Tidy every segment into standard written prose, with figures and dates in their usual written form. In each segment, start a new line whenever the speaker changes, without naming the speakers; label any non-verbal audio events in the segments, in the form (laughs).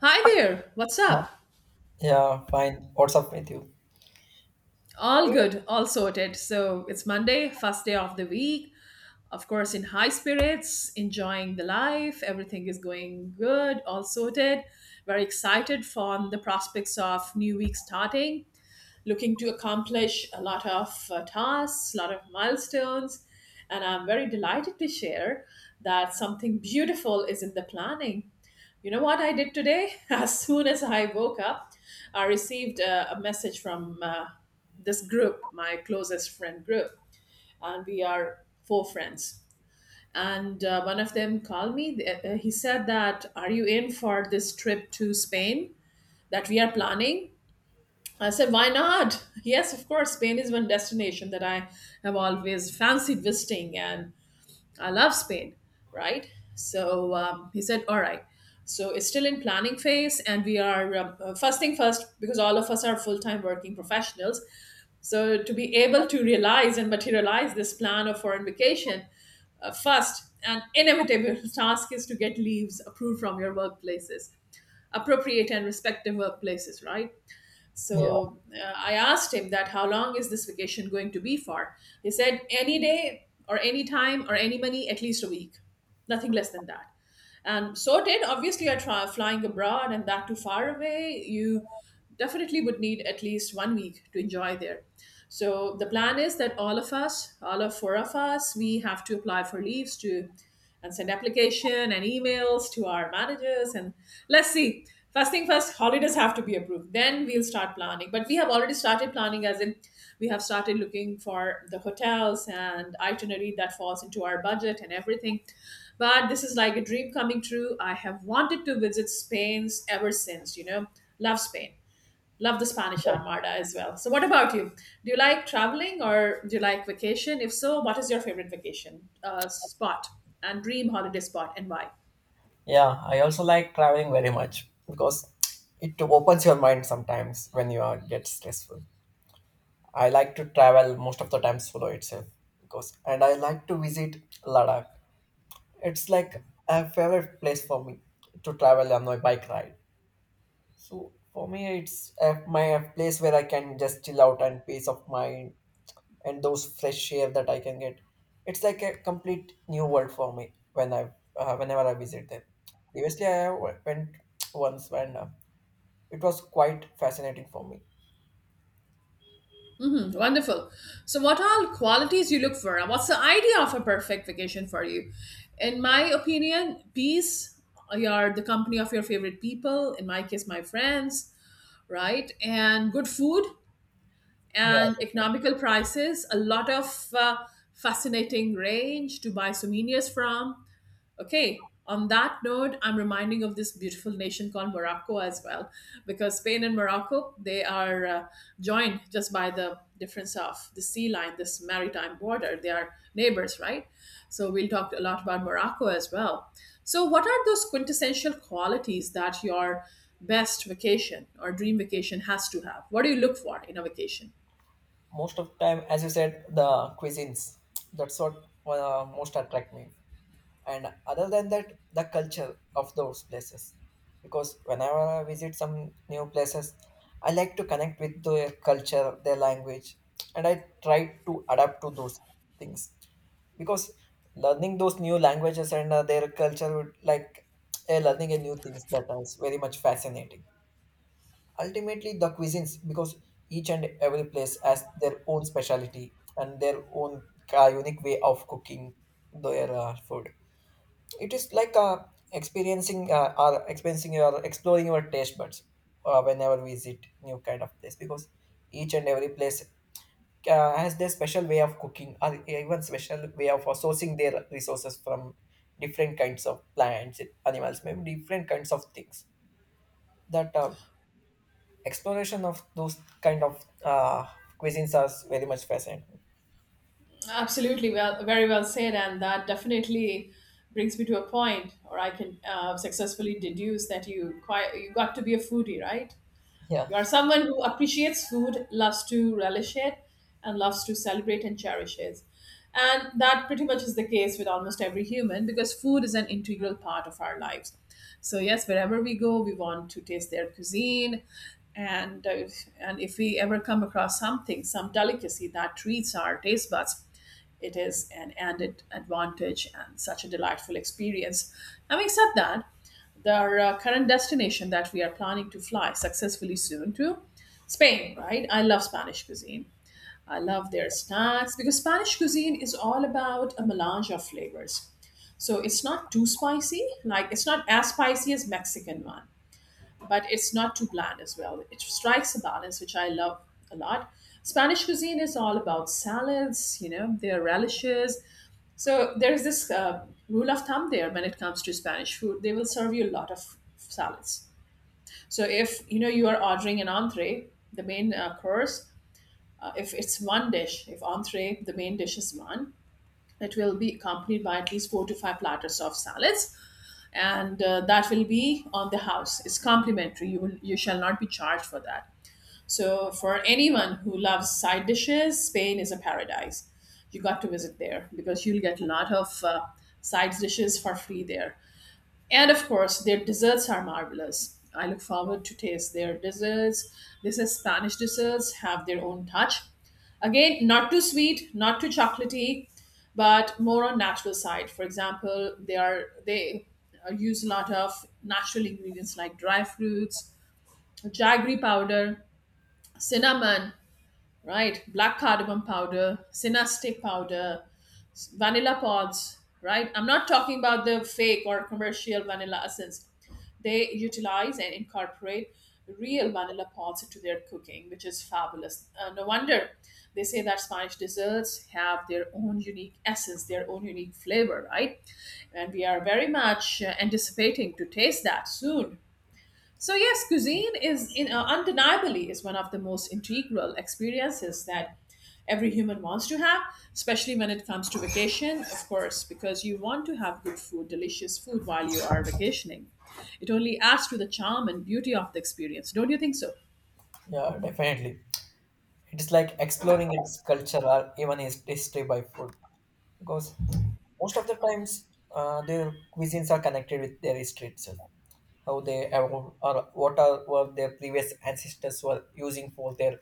Hi there, what's up?
Yeah, fine. What's up with you?
All good, all sorted. So it's Monday, first day of the week. Of course, in high spirits, enjoying the life. Everything is going good, all sorted. Very excited for the prospects of new week starting. Looking to accomplish a lot of tasks, a lot of milestones. And I'm very delighted to share that something beautiful is in the planning. You know what I did today? (laughs) As soon as I woke up, I received a message from this group, my closest friend group, and we are four friends. And one of them called me. He said that, "Are you in for this trip to Spain that we are planning?" I said, why not? Yes, of course. Spain is one destination that I have always fancied visiting, and I love Spain, right? So he said, all right. So it's still in planning phase, and we are first thing first, because all of us are full time working professionals. So to be able to realize and materialize this plan of foreign vacation, first and inevitable (laughs) task is to get leaves approved from your workplaces, appropriate and respective workplaces, right?
Yeah,
So I asked him that how long is this vacation going to be for? He said any day or any time or any money, at least a week, nothing less than that. And so did obviously I try flying abroad and that too far away. You definitely would need at least one week to enjoy there. So the plan is that all of us, all of four of us, we have to apply for leaves to and send application and emails to our managers, and let's see. First thing first, holidays have to be approved, then we'll start planning. But we have already started planning, as in we have started looking for the hotels and itinerary that falls into our budget and everything. But this is like a dream coming true. I have wanted to visit Spain ever since. Love Spain. Love the Spanish Armada as well. So, what about you? Do you like traveling or do you like vacation? If so, what is your favorite vacation spot and dream holiday spot and why?
yeah. I also like traveling very much because it opens your mind sometimes when you are get stressful. I like to travel most of the time solo itself because, and I like to visit Ladakh. It's like a favorite place for me to travel on my bike ride. So for me, it's a, my a place where I can just chill out and peace of mind and those fresh air that I can get. It's like a complete new world for me when I whenever I visit them. Previously, I have went once and it was quite fascinating for me.
Wonderful. So, what all qualities you look for and what's the idea of a perfect vacation for you? In my opinion, peace, your the company of your favorite people, in my case, my friends, right? And good food
Yeah,
and economical prices, a lot of fascinating range to buy souvenirs from. Okay, on that note, I'm reminding of this beautiful nation called Morocco as well, because Spain and Morocco, they are joined just by the difference of the sea line, this maritime border. They are neighbors, right? So we'll talk a lot about Morocco as well. So, what are those quintessential qualities that your best vacation or dream vacation has to have? What do you look for in a vacation?
most of the time, as you said, the cuisines. That's what most attract me. And other than that, the culture of those places. Because whenever I visit some new places, I like to connect with their culture, their language, and I try to adapt to those things because learning those new languages and their culture would like learning a new things that is very much fascinating ultimately the cuisines because each and every place has their own specialty and their own unique way of cooking their food it is like experiencing or experiencing your exploring your taste buds whenever we visit new kind of place because each and every place has their special way of cooking or even special way of sourcing their resources from different kinds of plants animals maybe different kinds of things that exploration of those kind of cuisines are very much fascinating.
Absolutely, well, very well said, and that definitely brings me to a point, or I can successfully deduce that you got to be a foodie, right?
yeah
You are someone who appreciates food, loves to relish it, and loves to celebrate and cherish it. And that pretty much is the case with almost every human, because food is an integral part of our lives. So yes, wherever we go, we want to taste their cuisine, and uh, and if we ever come across something, some delicacy that treats our taste buds, it is an added advantage and such a delightful experience. Having said that, our current destination that we are planning to fly successfully soon to, Spain, right? I love Spanish cuisine. I love their snacks, because Spanish cuisine is all about a melange of flavors. So it's not too spicy, like it's not as spicy as Mexican one, but it's not too bland as well. It strikes a balance, which I love a lot. Spanish cuisine is all about salads, their relishes. So there's this rule of thumb there when it comes to Spanish food. They will serve you a lot of salads. So if you know you are ordering an entree, the main course, if it's one dish, if entree, the main dish is one, it will be accompanied by at least four to five platters of salads, and that will be on the house. It's complimentary. You shall not be charged for that. So for anyone who loves side dishes, Spain is a paradise. You got to visit there, because you'll get a lot of side dishes for free there. And of course, their desserts are marvelous. I look forward to taste their desserts. This is Spanish desserts have their own touch. Again, not too sweet, not too chocolatey, but more on natural side. For example, they use a lot of natural ingredients like dry fruits, jaggery powder, cinnamon, right? Black cardamom powder, sinna stick powder, vanilla pods, right? I'm not talking about the fake or commercial vanilla essence. They utilize and incorporate real vanilla pods into their cooking, which is fabulous. No wonder they say that Spanish desserts have their own unique essence, their own unique flavor, right? And we are very much anticipating to taste that soon. So yes, cuisine undeniably is one of the most integral experiences that every human wants to have, especially when it comes to vacation, of course, because you want to have good food, delicious food while you are vacationing. It only adds to the charm and beauty of the experience. Don't you think so?
yeah, definitely. It's like exploring its culture or even its history by food because most of the times their cuisines are connected with their history itself, how they evolved or what are were their previous ancestors were using for their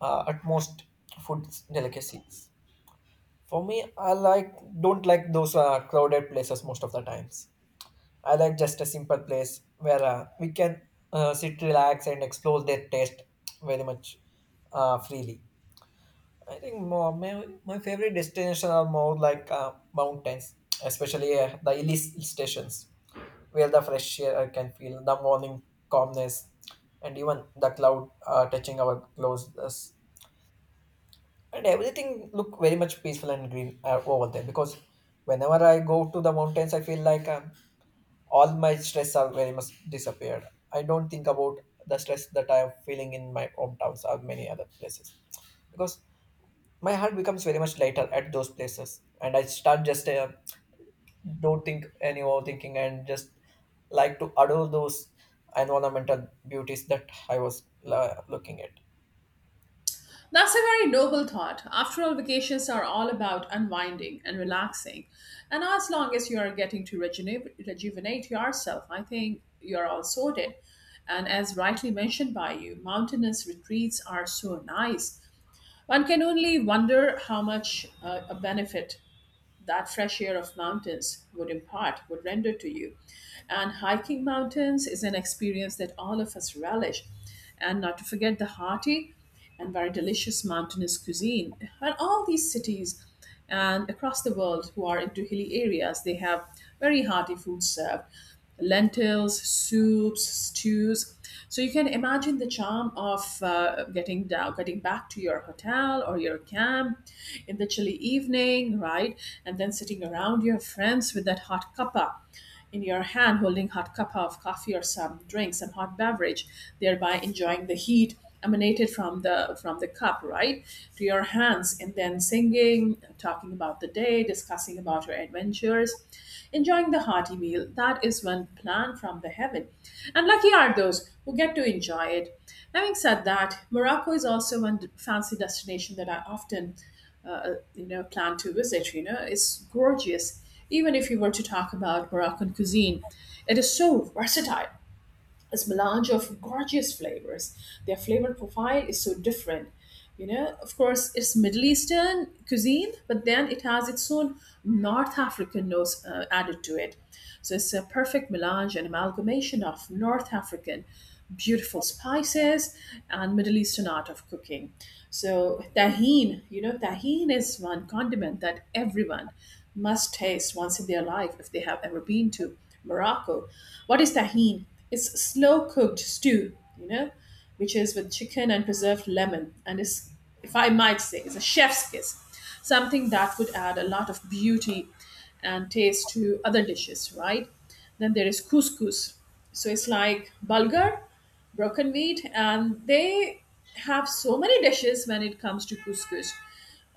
utmost food delicacies. For me, I like don't like those crowded places most of the times. I like just a simple place where we can sit, relax, and explore their taste very much freely. I think my favorite destinations are more like mountains, especially the hilly stations where the fresh air can feel the morning calmness and even the cloud touching our clothes. Yes. And everything look very much peaceful and green over there because whenever I go to the mountains I feel like all my stress are very much disappeared. I don't think about the stress that I am feeling in my hometowns or many other places because my heart becomes very much lighter at those places and I start just don't think any overthinking and just like to adore those environmental beauties that I was looking at.
That's a very noble thought. After all, vacations are all about unwinding and relaxing. And as long as you are getting to rejuvenate yourself, I think you're all sorted. And as rightly mentioned by you, mountainous retreats are so nice. One can only wonder how much a benefit that fresh air of mountains would impart, would render to you. And hiking mountains is an experience that all of us relish. And not to forget the hearty and very delicious mountainous cuisine. And all these cities and across the world who are into hilly areas, they have very hearty food served, lentils, soups, stews. So you can imagine the charm of getting down, getting back to your hotel or your camp in the chilly evening, right? And then sitting around your friends with that hot cuppa in your hand, holding hot cuppa of coffee or some drink, some hot beverage, thereby enjoying the heat emanated from the cup, right to your hands, and then singing, talking about the day, discussing about your adventures, enjoying the hearty meal that is one plan from the heaven. And lucky are those who get to enjoy it. Having said that, Morocco is also one fancy destination that I often plan to visit. It's gorgeous. Even if you were to talk about Moroccan cuisine, it is so versatile, this melange of gorgeous flavors. Their flavor profile is so different. You know, of course, it's Middle Eastern cuisine, but then it has its own North African notes added to it. So it's a perfect melange and amalgamation of North African beautiful spices and Middle Eastern art of cooking. So tahine, tahine is one condiment that everyone must taste once in their life if they have ever been to Morocco. What is tahine? It's slow cooked stew, which is with chicken and preserved lemon. And is, if I might say, it's a chef's kiss. Something that would add a lot of beauty and taste to other dishes, right? Then there is couscous. So it's like bulgur, broken wheat, and they have so many dishes when it comes to couscous.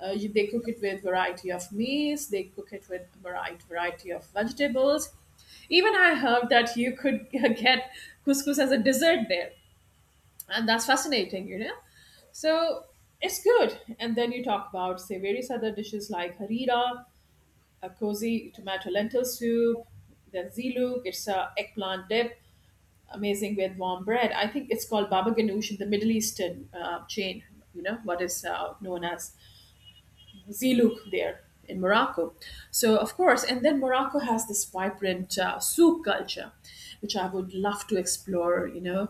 They cook it with variety of meats. They cook it with variety of vegetables. Even I heard that you could (laughs) get couscous as a dessert there, and that's fascinating. So it's good. And then you talk about say various other dishes like harira, a cozy tomato lentil soup, then ziluk. It's a eggplant dip, amazing with warm bread. I think it's called baba ganoush in the Middle Eastern chain. You know what is known as Zilouk there in Morocco. So, of course, and then Morocco has this vibrant souk culture, which I would love to explore,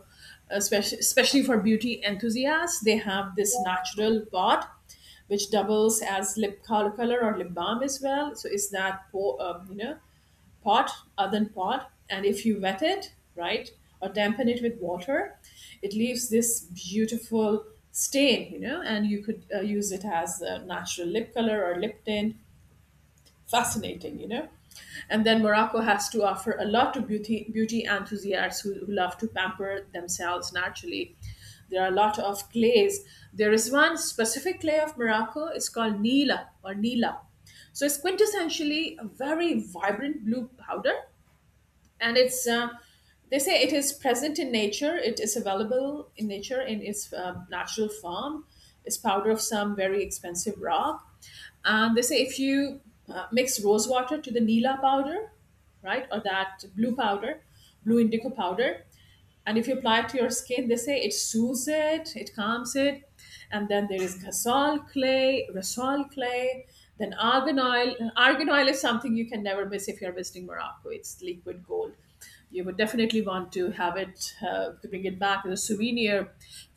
especially for beauty enthusiasts. They have this natural bod, which doubles as lip color or lip balm as well. So, is that, pot, earthen pot, and if you wet it, right, or dampen it with water, it leaves this beautiful stain, and you could use it as a natural lip color or lip tint. Fascinating. And then Morocco has to offer a lot to beauty enthusiasts who love to pamper themselves naturally. There are a lot of clays. There is one specific clay of Morocco. It's called Nila or Nila. So it's quintessentially a very vibrant blue powder, and it's they say it is present in nature, it is available in nature in its natural form. It's powder of some very expensive rock, and they say if you mix rose water to the nila powder, right, or that blue powder, blue indigo powder, and if you apply it to your skin, they say it soothes it calms it. And then there is gasol clay, rasol clay, then argan oil. And argan oil is something you can never miss if you're visiting Morocco. It's liquid gold. You would definitely want to have it to bring it back as a souvenir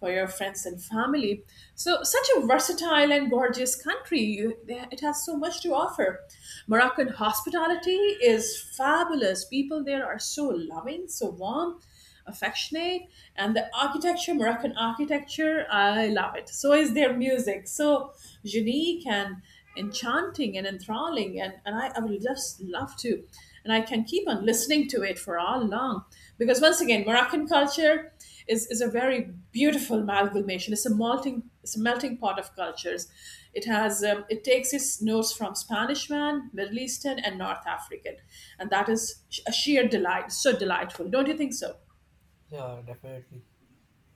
for your friends and family. So such a versatile and gorgeous country, you, it has so much to offer. Moroccan hospitality is fabulous. People there are so loving, so warm, affectionate. And the architecture, Moroccan architecture, I love it. So is their music, so unique and enchanting and enthralling. And I would just love to, and I can keep on listening to it for all long. Because once again, Moroccan culture is a very beautiful amalgamation. It's a melting pot of cultures. It has it takes its notes from Spanish, man, Middle Eastern, and North African. And that is a sheer delight, so delightful. Don't you think so?
Yeah, definitely.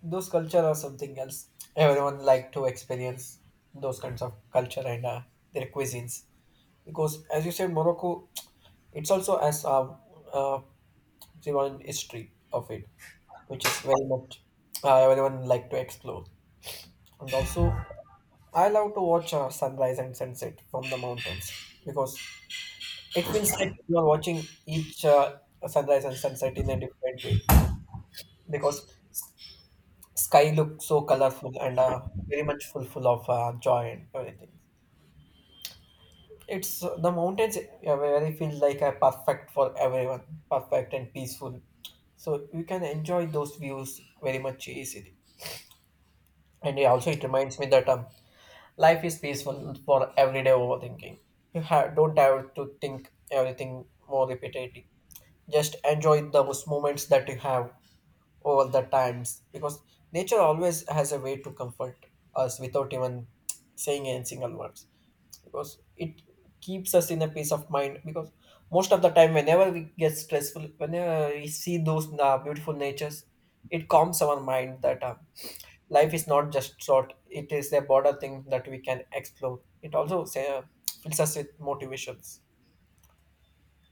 Those culture are something else. Everyone like to experience those kinds of culture and their cuisines because, as you said, Morocco it's also as a uh, Sivan history of it, which is very much everyone like to explore. And also, I love to watch sunrise and sunset from the mountains because it feels like you are watching each sunrise and sunset in a different way because sky looks so colorful and very much full of joy and everything. It's the mountains where I feel like are perfect for everyone, perfect and peaceful. So you can enjoy those views very much easily. And it also, it reminds me that life is peaceful for everyday overthinking. You don't have to think everything more repeatedly. Just enjoy those moments that you have all the times because nature always has a way to comfort us without even saying any single words because it keeps us in a peace of mind because most of the time whenever we get stressful whenever we see those beautiful natures it calms our mind that life is not just short, it is a broader thing that we can explore. It also say, fills us with motivations.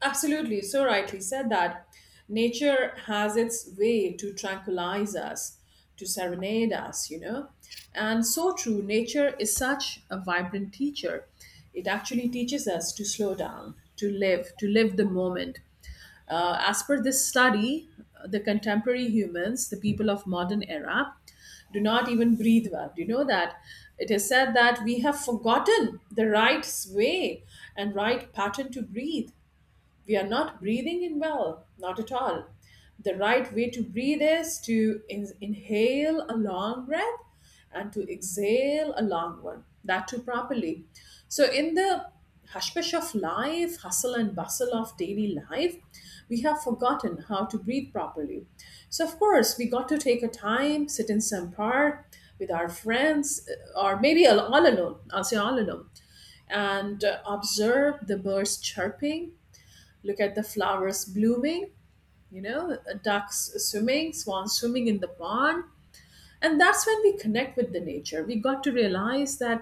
Absolutely, so rightly said that nature has its way to tranquilize us, to serenade us, you know. And so true, nature is such a vibrant teacher. It actually teaches us to slow down, to live the moment. As per this study, the contemporary humans, the people of modern era, do not even breathe well. Do you know that? It is said that we have forgotten the right way and right pattern to breathe. We are not breathing in well, not at all. The right way to breathe is to inhale a long breath and to exhale a long one, that too properly. So, in the hushpish of life, hustle and bustle of daily life, we have forgotten how to breathe properly. So, of course, we got to take a time, sit in some park with our friends, or maybe all alone. I'll say all alone, and observe the birds chirping, look at the flowers blooming, you know, ducks swimming, swans swimming in the pond. And that's when we connect with the nature. We got to realize that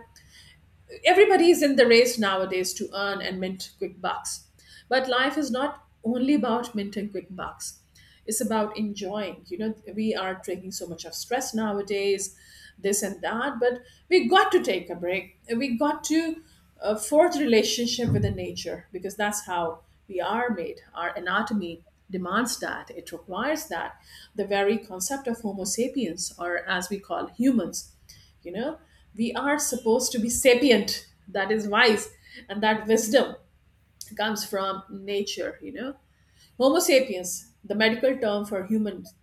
everybody is in the race nowadays to earn and mint quick bucks. But life is not only about minting quick bucks. It's about enjoying. You know, we are taking so much of stress nowadays, this and that, but we got to take a break. We got to forge relationship with the nature, because that's how we are made. Our anatomy demands that. It requires that. The very concept of Homo sapiens, or as we call humans, you know, we are supposed to be sapient, that is wise, and that wisdom comes from nature. You know, Homo sapiens, the medical term for humans,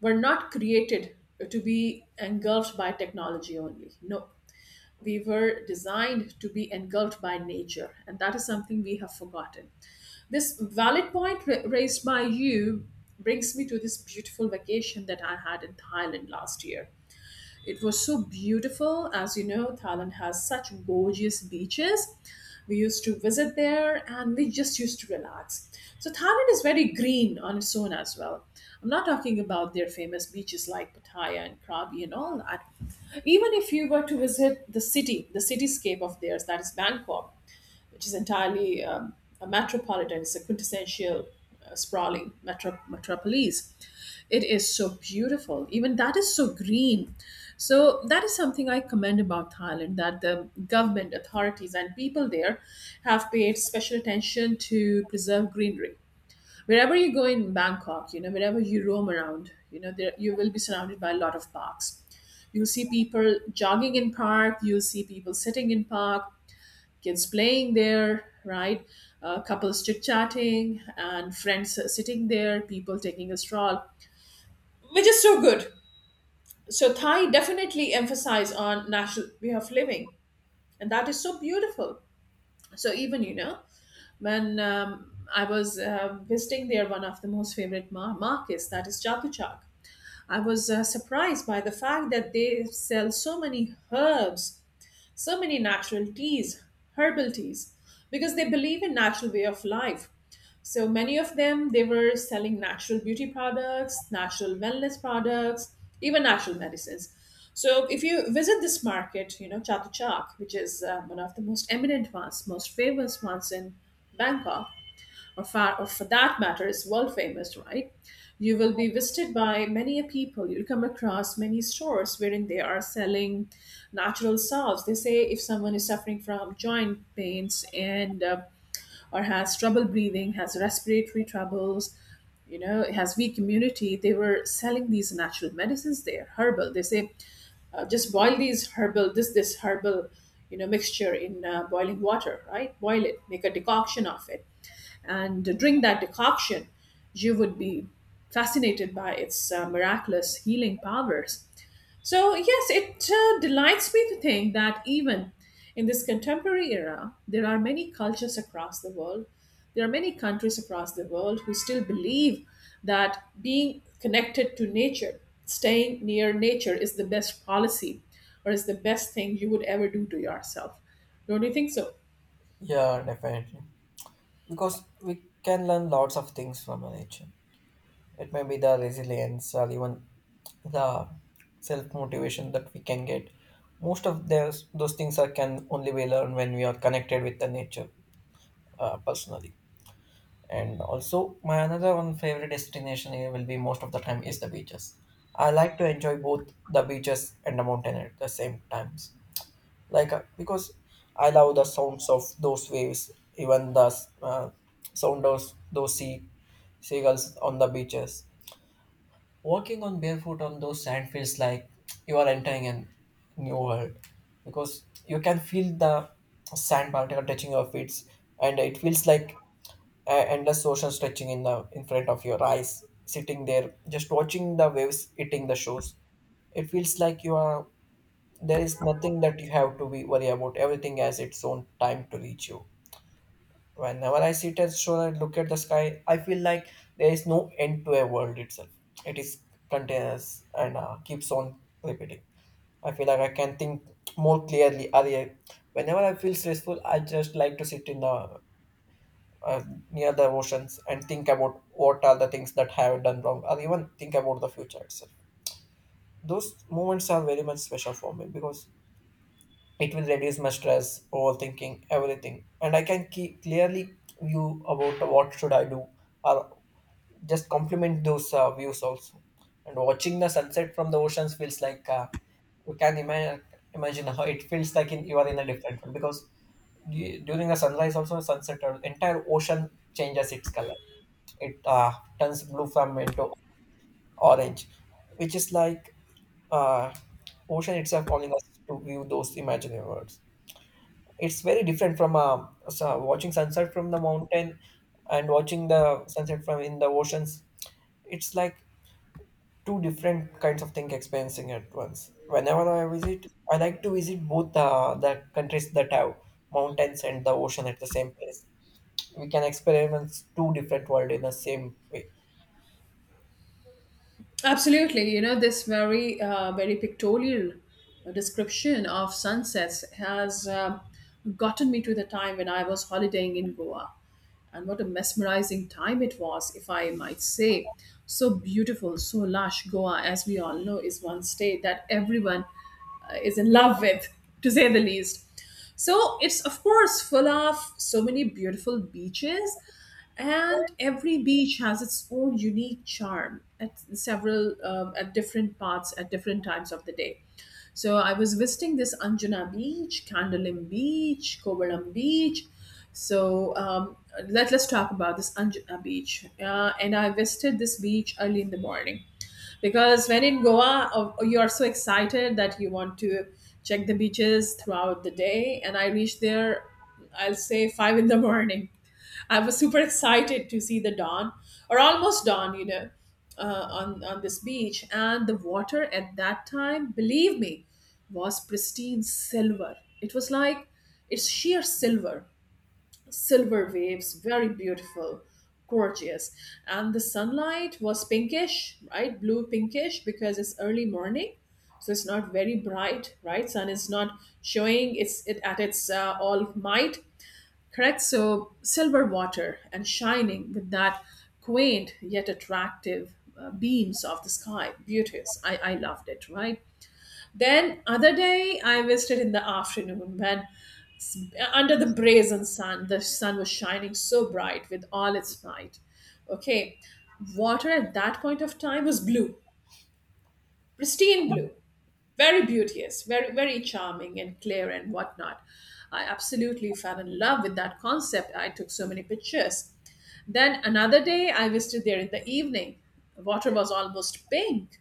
were not created to be engulfed by technology only. No, we were designed to be engulfed by nature, and that is something we have forgotten. This valid point raised by you brings me to this beautiful vacation that I had in Thailand last year. It was so beautiful. As you know, Thailand has such gorgeous beaches. We used to visit there and we just used to relax. So, Thailand is very green on its own as well. I'm not talking about their famous beaches like Pattaya and Krabi and all that. Even if you were to visit the city, the cityscape of theirs, that is Bangkok, which is entirely a metropolitan. It's a quintessential sprawling metropolis. It is so beautiful. Even that is so green. So that is something I commend about Thailand, that the government, authorities, and people there have paid special attention to preserve greenery. Wherever you go in Bangkok, you know, wherever you roam around, you know, there you will be surrounded by a lot of parks. You'll see people jogging in park. You'll see people sitting in park, kids playing there, right? Couples chit chatting and friends sitting there, people taking a stroll, which is so good. So Thai definitely emphasize on national way of living, and that is so beautiful. So even you know, when I was visiting there, one of the most favorite markets, that is Chatuchak. I was surprised by the fact that they sell so many herbs, so many natural teas, herbal teas, because they believe in natural way of life. So many of them, they were selling natural beauty products, natural wellness products, even natural medicines. So if you visit this market, you know, Chatuchak, which is one of the most eminent ones, most famous ones in Bangkok, or, or for that matter, is world famous, right? You will be visited by many a people. You'll come across many stores wherein they are selling natural salves. They say if someone is suffering from joint pains and or has trouble breathing, has respiratory troubles, you know, has weak immunity, they were selling these natural medicines there, herbal. They say, just boil these herbal, this herbal, you know, mixture in boiling water, right? Boil it, make a decoction of it. And drink that decoction, you would be fascinated by its miraculous healing powers. So, yes, it delights me to think that even in this contemporary era, there are many cultures across the world. There are many countries across the world who still believe that being connected to nature, staying near nature, is the best policy or is the best thing you would ever do to yourself. Don't you think so?
Yeah definitely. Because we can learn lots of things from nature. It may be the resilience or even the self motivation that we can get. Most of those things are can only be learned when we are connected with the nature personally. And also, my another one favorite destination here will be most of the time is the beaches. I like to enjoy both the beaches and the mountain at the same times. Because I love the sounds of those waves, even the uh, sound of those seagulls on the beaches. Walking on barefoot on those sand feels like you are entering a new world because you can feel the sand particle touching your feet and it feels like endless ocean stretching in the in front of your eyes sitting there just watching the waves hitting the shores. It feels like you are there is nothing that you have to be worry about, everything has its own time to reach you. Whenever I sit at shore and look at the sky, I feel like there is no end to a world itself. It is continuous and keeps on repeating. I feel like I can think more clearly. Earlier, whenever I feel stressful, I just like to sit in the uh, near the oceans and think about what are the things that I have done wrong, or even think about the future itself. Those moments are very much special for me because it will reduce my stress, overthinking, everything, and I can keep clearly view about what should I do, or just complement those views also. And watching the sunset from the oceans feels like you can imagine how it feels like in you are in a different world because during the sunrise also sunset or entire ocean changes its color. It turns blue from into orange, which is like uh, ocean itself calling us to view those imaginary worlds. It's very different from so watching sunset from the mountain and watching the sunset from in the oceans. It's like two different kinds of thing experiencing at once. Whenever I visit, I like to visit both the countries that have mountains and the ocean at the same place. We can experience two different world in the same way.
Absolutely, you know, this very pictorial description of sunsets has gotten me to the time when I was holidaying in Goa, and what a mesmerizing time it was, if I might say. So beautiful, so lush. Goa, as we all know, is one state that everyone is in love with, to say the least. So it's, of course, full of so many beautiful beaches, and every beach has its own unique charm at several, at different parts, at different times of the day. So I was visiting this Anjuna Beach, Kandalim Beach, Kovalam Beach. So let's talk about this Anjuna Beach. And I visited this beach early in the morning, because when in Goa, you are so excited that you want to check the beaches throughout the day. And I reached there, I'll say 5 in the (laughs) morning. I was super excited to see the dawn, or almost dawn, you know, on this beach. And the water at that time, believe me, was pristine silver. It was like, it's sheer silver, silver waves, very beautiful, gorgeous. And the sunlight was pinkish, right? Blue pinkish, because it's early morning. So it's not very bright, right? Sun is not showing its it at its all might, correct? So silver water and shining with that quaint yet attractive beams of the sky, beauteous. I loved it, right? Then other day I visited in the afternoon when, under the brazen sun, the sun was shining so bright with all its might. Okay, water at that point of time was blue, pristine blue, very beauteous, very, very charming and clear and whatnot. I absolutely fell in love with that concept. I took so many pictures. Then another day, I visited there in the evening. Water was almost pink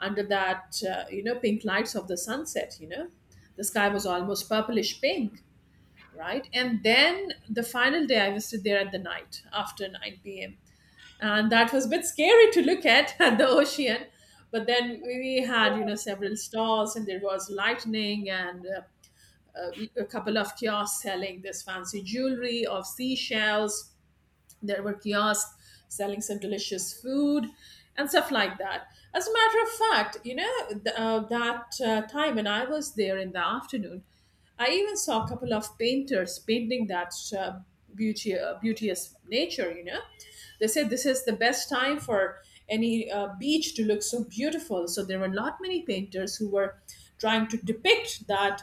under that, you know, pink lights of the sunset, you know. The sky was almost purplish pink, right? And then the final day, I was still there at the night after 9 p.m. And that was a bit scary to look at (laughs) at the ocean. But then we had, you know, several stalls and there was lightning and a couple of kiosks selling this fancy jewelry of seashells. There were kiosks selling some delicious food and stuff like that. As a matter of fact, you know, that time when I was there in the afternoon, I even saw a couple of painters painting that beauty, beauteous nature, you know. They said this is the best time for any beach to look so beautiful. So there were not many painters who were trying to depict that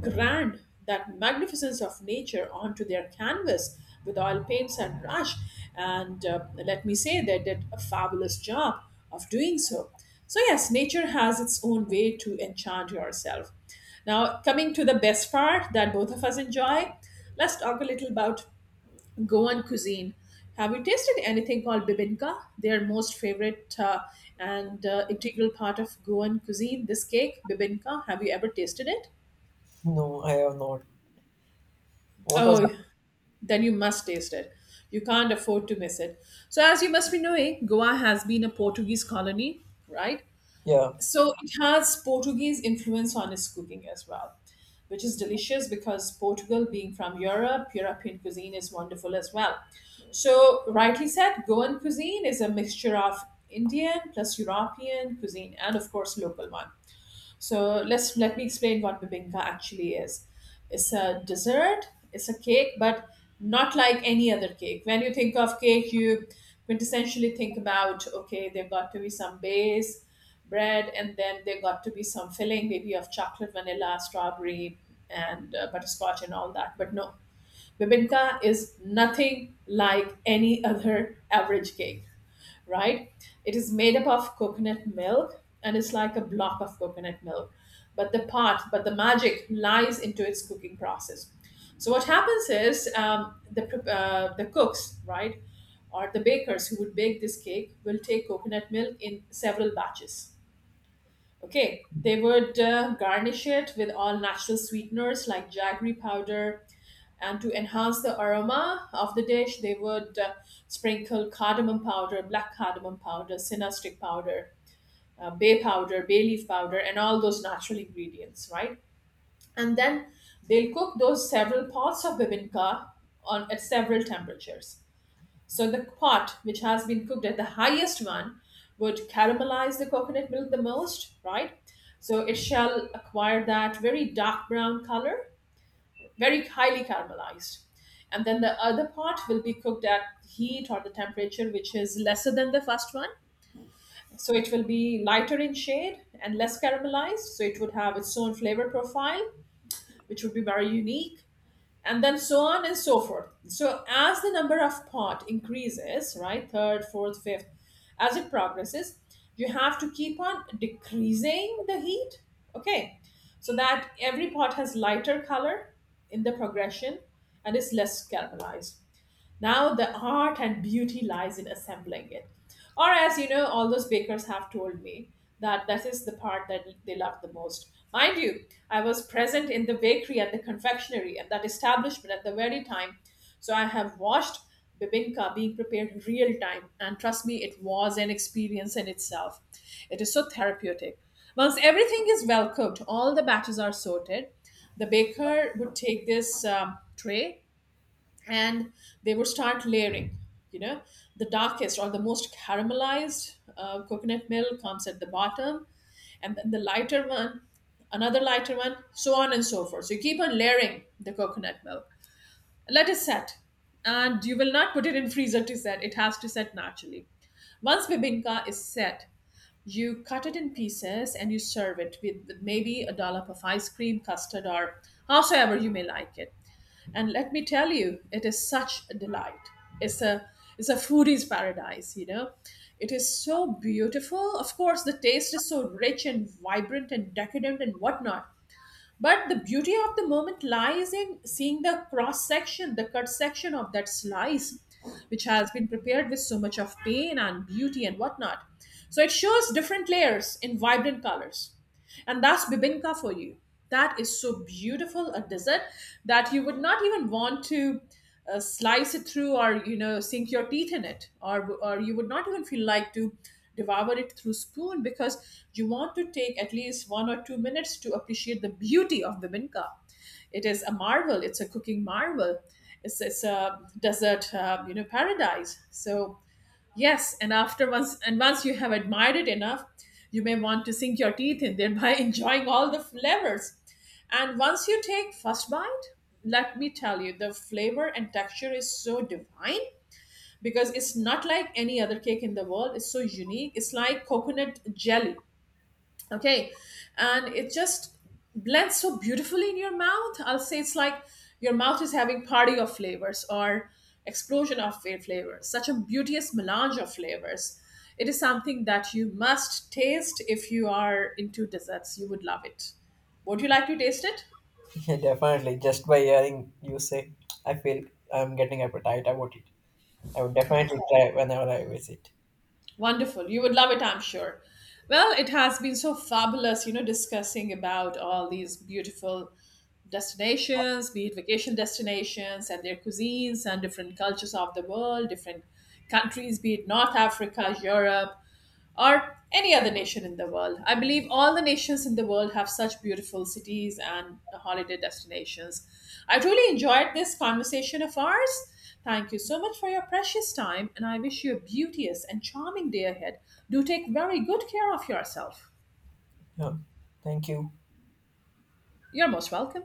grand, that magnificence of nature onto their canvas with oil paints and brush. And let me say they did a fabulous job of doing so. So, yes, nature has its own way to enchant yourself. Now, coming to the best part that both of us enjoy, let's talk a little about Goan cuisine. Have you tasted anything called bibinka? Their most favorite and integral part of Goan cuisine, this cake, bibinka. Have you ever tasted it?
No, I have not. What was it?
Oh, then you must taste it. You can't afford to miss it. So, as you must be knowing, Goa has been a Portuguese colony, right?
Yeah.
So, it has Portuguese influence on its cooking as well, which is delicious because Portugal, being from Europe, European cuisine is wonderful as well. So, rightly said, Goan cuisine is a mixture of Indian plus European cuisine and, of course, local one. So let me explain what bibinka actually is. It's a dessert. It's a cake, but not like any other cake. When you think of cake, you quintessentially think about, okay, there got to be some base bread, and then there got to be some filling, maybe of chocolate, vanilla, strawberry, and butterscotch, and all that. But no, bibinka is nothing like any other average cake, right? It is made up of coconut milk and it's like a block of coconut milk. But the part, but the magic lies into its cooking process. So what happens is, the cooks, right, or the bakers who would bake this cake will take coconut milk in several batches. Okay, they would garnish it with all natural sweeteners like jaggery powder, and to enhance the aroma of the dish, they would sprinkle cardamom powder, black cardamom powder, cinnamon stick powder, bay powder, bay leaf powder, and all those natural ingredients, right? And then they'll cook those several pots of bibinka on at several temperatures. So the pot, which has been cooked at the highest one, would caramelize the coconut milk the most, right? So it shall acquire that very dark brown color, very highly caramelized. And then the other pot will be cooked at heat or the temperature which is lesser than the first one. So it will be lighter in shade and less caramelized. So it would have its own flavor profile, which would be very unique, and then so on and so forth. So as the number of pot increases, right, third, fourth, fifth, as it progresses, you have to keep on decreasing the heat, okay, so that every pot has lighter color in the progression and is less caramelized. Now the art and beauty lies in assembling it. Or as you know, all those bakers have told me that is the part that they love the most. Mind you, I was present in the bakery and the confectionery and that establishment at the very time. So I have watched bibinka being prepared real time. And trust me, it was an experience in itself. It is so therapeutic. Once everything is well cooked, all the batches are sorted, the baker would take this tray and they would start layering. You know, the darkest or the most caramelized coconut milk comes at the bottom, and then the lighter one, another lighter one, so on and so forth. So you keep on layering the coconut milk, let it set, and you will not put it in freezer to set. It has to set naturally. Once bibinka is set, you cut it in pieces and you serve it with maybe a dollop of ice cream, custard, or howsoever you may like it. And let me tell you, it is such a delight. It's a, it's a foodie's paradise, you know. It is so beautiful. Of course, the taste is so rich and vibrant and decadent and whatnot, but the beauty of the moment lies in seeing the cross section, the cut section of that slice, which has been prepared with so much of pain and beauty and whatnot. So it shows different layers in vibrant colors. And that's bibinka for you. That is so beautiful a dessert that you would not even want to slice it through, or you know, sink your teeth in it, or you would not even feel like to devour it through spoon, because you want to take at least 1 or 2 minutes to appreciate the beauty of the minka. It is a marvel, it's a cooking marvel. It's a desert you know paradise. So yes, and after once and once you have admired it enough, you may want to sink your teeth in, thereby (laughs) enjoying all the flavors. And once you take first bite, let me tell you, the flavor and texture is so divine, because it's not like any other cake in the world. It's so unique. It's like coconut jelly, okay, and it just blends so beautifully in your mouth. I'll say it's like your mouth is having party of flavors, or explosion of flavors, such a beauteous melange of flavors. It is something that you must taste. If you are into desserts, you would love it. Would you like to taste it?
(laughs) Yeah, definitely. Just by hearing you say, I feel I'm getting appetite about it. I would definitely try whenever I visit.
Wonderful. You would love it, I'm sure. Well, it has been so fabulous, you know, discussing about all these beautiful destinations, be it vacation destinations and their cuisines and different cultures of the world, different countries, be it North Africa, Europe, or any other nation in the world. I believe all the nations in the world have such beautiful cities and holiday destinations. I truly enjoyed this conversation of ours. Thank you so much for your precious time, and I wish you a beauteous and charming day ahead. Do take very good care of yourself.
Yeah. Thank you.
You're most welcome.